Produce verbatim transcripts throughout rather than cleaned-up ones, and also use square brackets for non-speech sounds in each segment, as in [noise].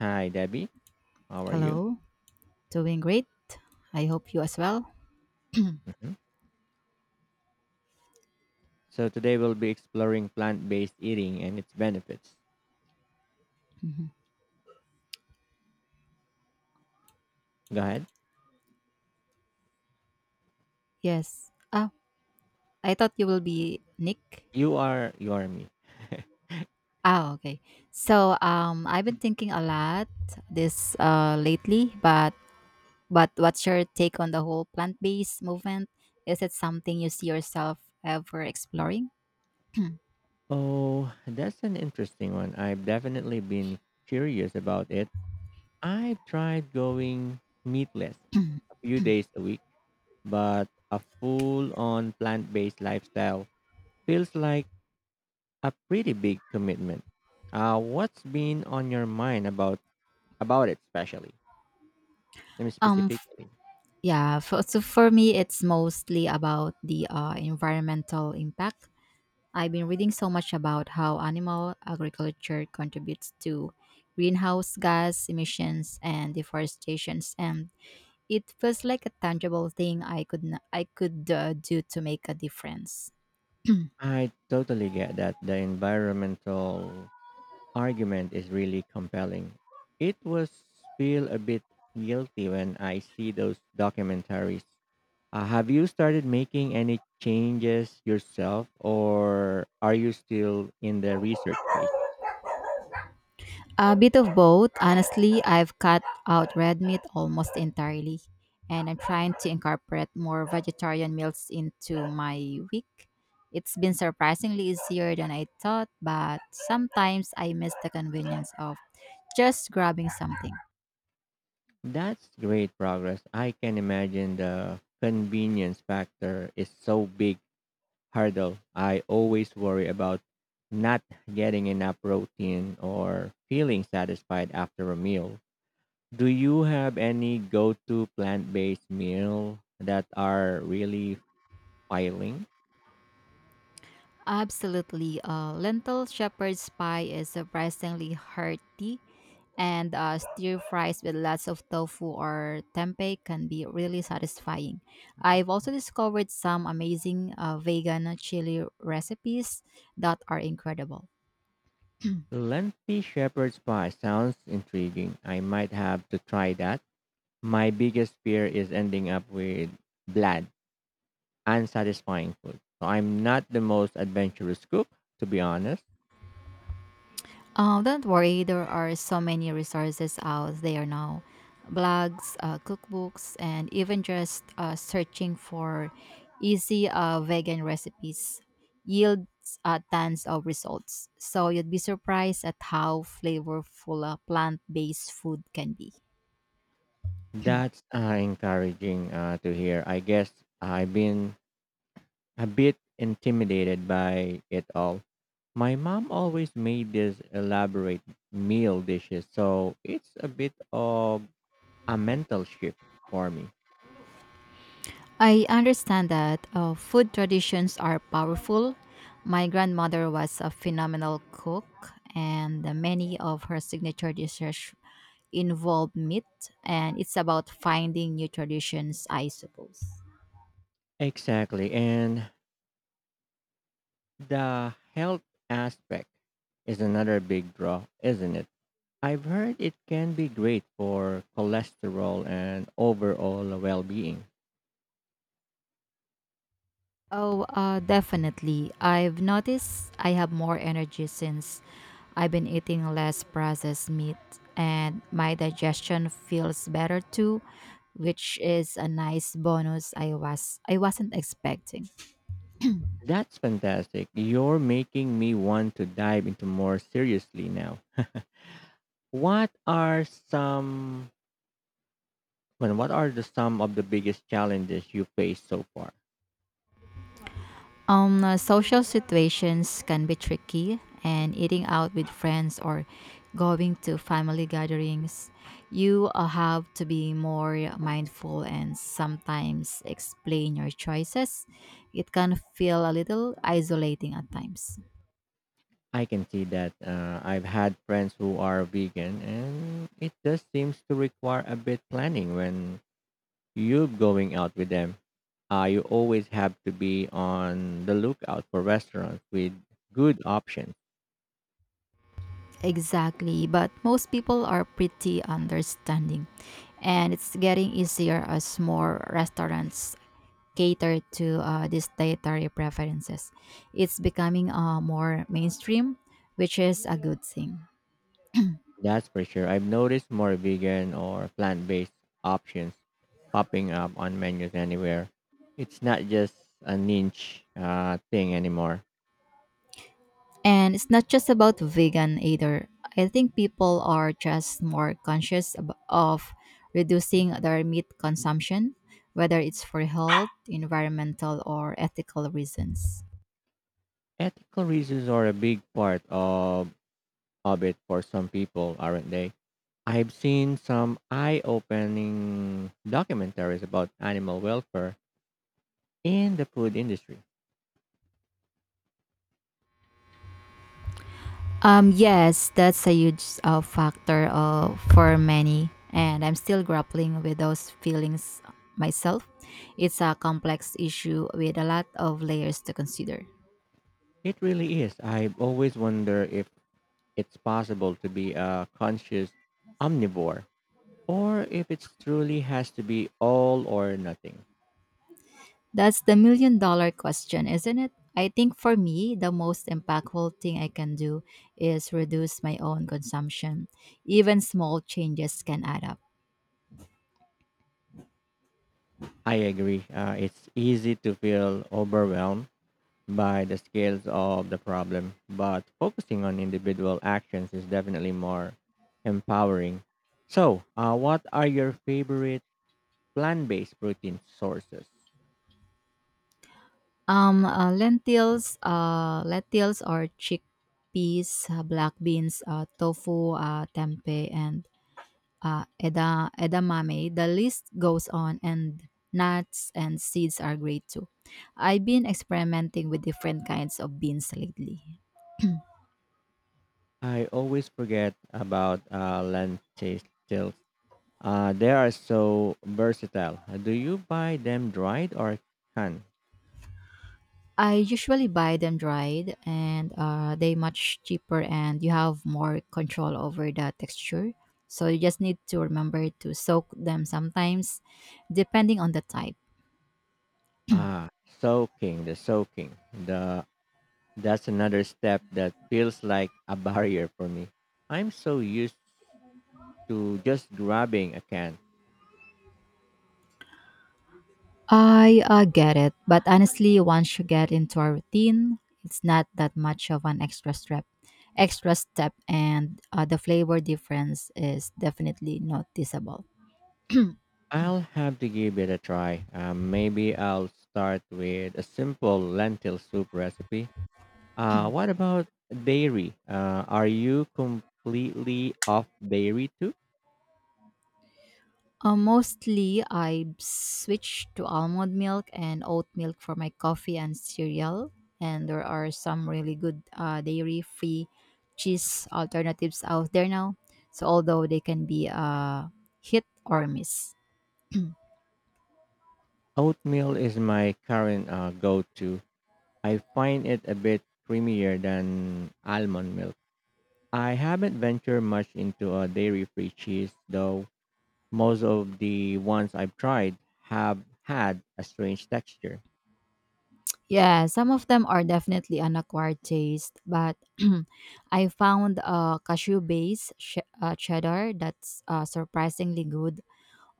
Hi, Debbie. How are you? Hello, doing great. I hope you as well. [clears throat] hmm So, today we'll be exploring plant based eating and its benefits. Mhm. Go ahead. Yes. Oh, I thought you will be Nick. You are, you are me. Ah, okay. So, um, I've been thinking a lot this uh lately, but but what's your take on the whole plant-based movement? Is it something you see yourself ever exploring? [clears throat] Oh, that's an interesting one. I've definitely been curious about it. I've tried going meatless a few days a week, but a full on plant based lifestyle feels like a pretty big commitment. Uh, what's been on your mind about about it, especially? Let me Um, f- specifically. yeah. For, so for me, it's mostly about the uh, environmental impact. I've been reading so much about how animal agriculture contributes to greenhouse gas emissions and deforestations, and it feels like a tangible thing I could n- I could uh, do to make a difference. [clears throat] I totally get that the environmental argument is really compelling. It was feel a bit guilty when I see those documentaries. Uh, have you started making any changes yourself, or are you still in the research phase? A bit of both. Honestly, I've cut out red meat almost entirely, and I'm trying to incorporate more vegetarian meals into my week. It's been surprisingly easier than I thought, but sometimes I miss the convenience of just grabbing something. That's great progress. I can imagine the convenience factor is so big hurdle. I always worry about not getting enough protein or feeling satisfied after a meal. Do you have any go-to plant-based meal that are really filing? Absolutely. Uh, lentil shepherd's pie is surprisingly hearty, and uh, stir fries with lots of tofu or tempeh can be really satisfying. I've also discovered some amazing uh, vegan chili recipes that are incredible. Lengthy shepherd's pie sounds intriguing. I might have to try that. My biggest fear is ending up with bland, unsatisfying food. So I'm not the most adventurous cook, to be honest. Oh, don't worry, there are so many resources out there now blogs, uh, cookbooks, and even just uh, searching for easy uh, vegan recipes yields uh, tons of results. So you'd be surprised at how flavorful uh, plant based food can be. That's uh, encouraging uh, to hear. I guess I've been a bit intimidated by it all. My mom always made these elaborate meal dishes, so it's a bit of a mental shift for me. I understand that uh, food traditions are powerful. My grandmother was a phenomenal cook, and many of her signature dishes involve meat, and it's about finding new traditions, I suppose. Exactly. And the health aspect is another big draw, isn't it? I've heard it can be great for cholesterol and overall well being. Oh, uh, definitely. I've noticed I have more energy since I've been eating less processed meat, and my digestion feels better too, which is a nice bonus I was I wasn't expecting. That's fantastic. You're making me want to dive into more seriously now. [laughs] What are some well, what are the some of the biggest challenges you face so far? Um, uh, social situations can be tricky, and eating out with friends or going to family gatherings, you uh, have to be more mindful and sometimes explain your choices. It can feel a little isolating at times. I can see that. uh, I've had friends who are vegan, and it just seems to require a bit planning when you're going out with them. Uh, you always have to be on the lookout for restaurants with good options. Exactly, but most people are pretty understanding, and it's getting easier as more restaurants cater to uh, these dietary preferences. It's becoming uh, more mainstream, which is a good thing. That's for sure. I've noticed more vegan or plant based options popping up on menus anywhere. It's not just a niche uh, thing anymore. And it's not just about vegan either. I think people are just more conscious ab- of reducing their meat consumption, whether it's for health, environmental, or ethical reasons. Ethical reasons are a big part of, of it for some people, aren't they? I've seen some eye opening documentaries about animal welfare in the food industry. Um, yes, that's a huge uh, factor uh, for many, and I'm still grappling with those feelings myself. It's a complex issue with a lot of layers to consider. It really is. I've always wondered if it's possible to be a conscious omnivore, or if it truly has to be all or nothing. That's the million dollar question, isn't it? I think for me, the most impactful thing I can do is reduce my own consumption. Even small changes can add up. I agree. Uh, it's easy to feel overwhelmed by the scales of the problem, but focusing on individual actions is definitely more empowering. So, uh, what are your favorite plant based protein sources? Um, uh, lentils, uh, lentils or chickpeas, uh, black beans, uh, tofu, uh, tempeh, and uh, eda, edamame. The list goes on, and nuts and seeds are great too. I've been experimenting with different kinds of beans lately. I always forget about uh, lentils. Uh, they are so versatile. Uh, Do you buy them dried or canned? I usually buy them dried, and uh, they much cheaper, and you have more control over the texture. So you just need to remember to soak them sometimes, depending on the type. Ah, soaking, the soaking. The That's another step that feels like a barrier for me. I'm so used to just grabbing a can. I uh, get it, but honestly, once you get into a routine, it's not that much of an extra step. Extra step, and uh, the flavor difference is definitely noticeable. I'll have to give it a try. Uh, maybe I'll start with a simple lentil soup recipe. Uh, what about dairy? Uh, are you completely off dairy too? Uh, mostly, I switch to almond milk and oat milk for my coffee and cereal, and there are some really good uh, dairy-free cheese alternatives out there now. So although they can be a hit or miss. Oatmeal is my current uh, go-to. I find it a bit creamier than almond milk. I haven't ventured much into a dairy free cheese, though most of the ones I've tried have had a strange texture. Yeah, some of them are definitely an acquired taste, but [clears throat] I found a cashew based sh- uh, cheddar that's uh, surprisingly good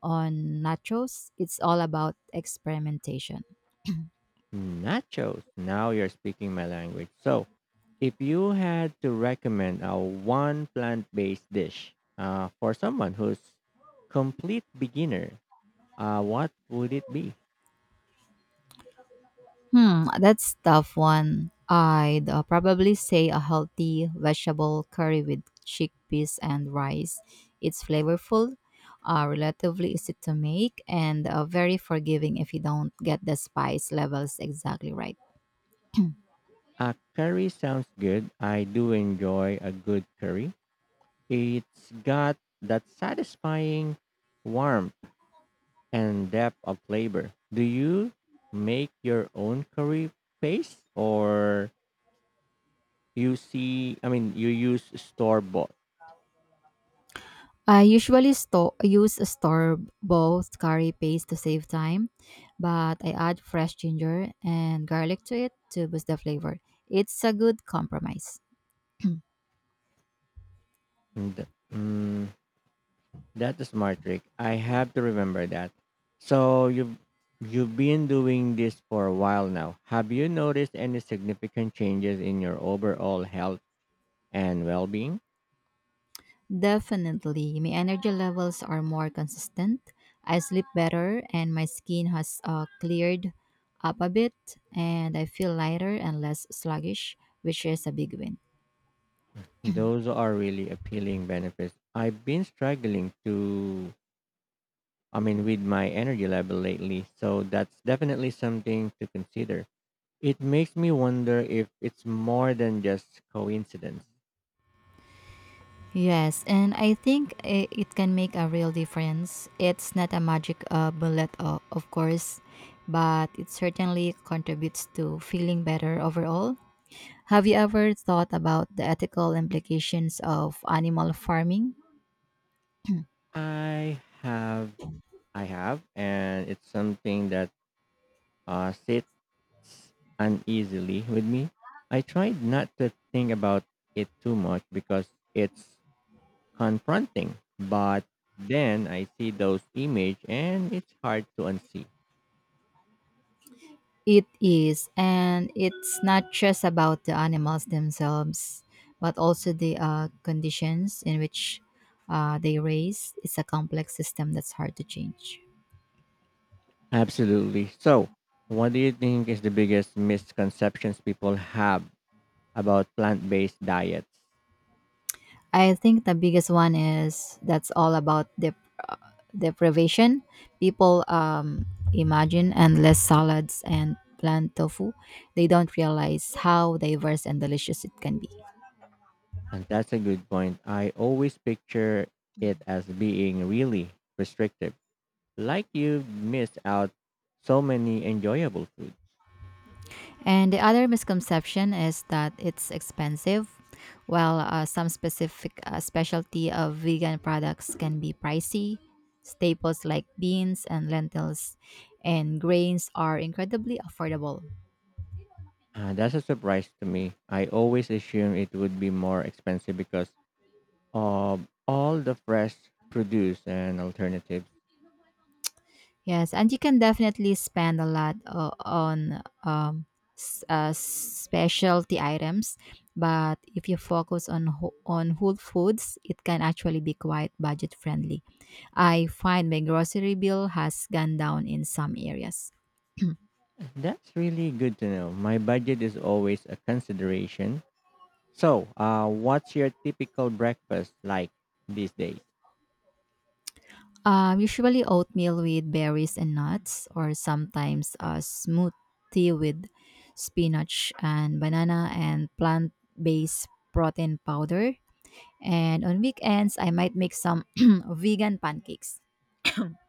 on nachos. It's all about experimentation. Nachos. Now you're speaking my language. So, if you had to recommend a one plant based dish uh, for someone who's complete beginner, uh, what would it be? Hmm, that's tough one. I'd uh, probably say a healthy vegetable curry with chickpeas and rice. It's flavorful, uh, relatively easy to make, and uh, very forgiving if you don't get the spice levels exactly right. A curry sounds good. I do enjoy a good curry. It's got that satisfying warmth and depth of flavor. Do you make your own curry paste or you see, I mean, you use store bought? I usually sto- use a store bought curry paste to save time, but I add fresh ginger and garlic to it to boost the flavor. It's a good compromise. [clears throat] And, mm, that's a smart trick. I have to remember that. So you've you've been doing this for a while now. Have you noticed any significant changes in your overall health and well-being? Definitely, my energy levels are more consistent. I sleep better, and my skin has uh, cleared up a bit, and I feel lighter and less sluggish, which is a big win. Those are really appealing benefits. I've been struggling to I mean, with my energy level lately. So that's definitely something to consider. It makes me wonder if it's more than just coincidence. Yes, and I think i- it can make a real difference. It's not a magic uh, bullet, o- of course, but it certainly contributes to feeling better overall. Have you ever thought about the ethical implications of animal farming? I have, I have, and it's something that uh, sits uneasily with me. I tried not to think about it too much because it's confronting, but then I see those images, and it's hard to unsee. It is, and it's not just about the animals themselves, but also the uh, conditions in which uh, they raise. It's a complex system that's hard to change. Absolutely. So, what do you think is the biggest misconceptions people have about plant based diets? I think the biggest one is that's all about dep- uh, deprivation. People um, imagine endless salads and plant tofu. They don't realize how diverse and delicious it can be. And that's a good point. I always picture it as being really restrictive, like you miss out so many enjoyable foods. And the other misconception is that it's expensive. While uh, some specific uh, specialty of vegan products can be pricey, staples like beans and lentils and grains are incredibly affordable. Uh, that's a surprise to me. I always assume it would be more expensive because of all the fresh produce and alternatives. Yes, and you can definitely spend a lot o- on um, s- uh, specialty items, but if you focus on wh- on whole foods, it can actually be quite budget friendly. I find my grocery bill has gone down in some areas. [clears throat] That's really good to know. My budget is always a consideration. So, uh, what's your typical breakfast like these days? Um, usually oatmeal with berries and nuts, or sometimes a smoothie with spinach and banana and plant based protein powder. And on weekends, I might make some [clears throat] vegan pancakes.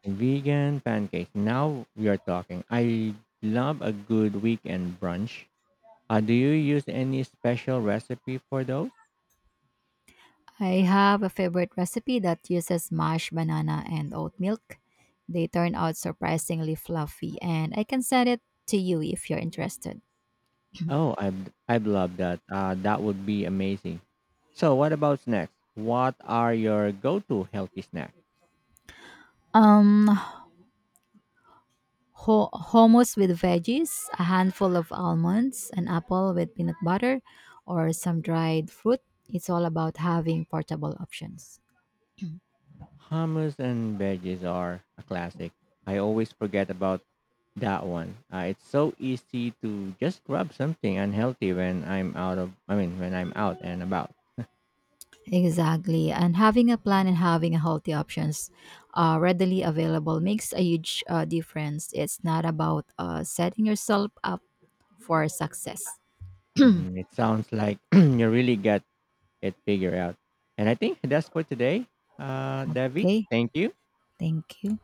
Vegan pancakes. Now we are talking. I love a good weekend brunch. Uh, do you use any special recipe for those? I have a favorite recipe that uses mashed banana and oat milk. They turn out surprisingly fluffy, and I can send it to you if you're interested. Oh, I'd, I'd love that. Uh, that would be amazing. So, what about snacks? What are your go to healthy snacks? Um, Ho- hummus with veggies, a handful of almonds, an apple with peanut butter, or some dried fruit. It's all about having portable options. Hummus and veggies are a classic. I always forget about that one. Uh, it's so easy to just grab something unhealthy when I'm out of, I mean, when I'm out and about. [laughs] Exactly. And having a plan and having a healthy options uh, readily available makes a huge uh, difference. It's not about uh, setting yourself up for success. hmm It sounds like [clears throat] you really got it figured out. And I think that's for today, uh, Debbie. Okay. Thank you. Thank you.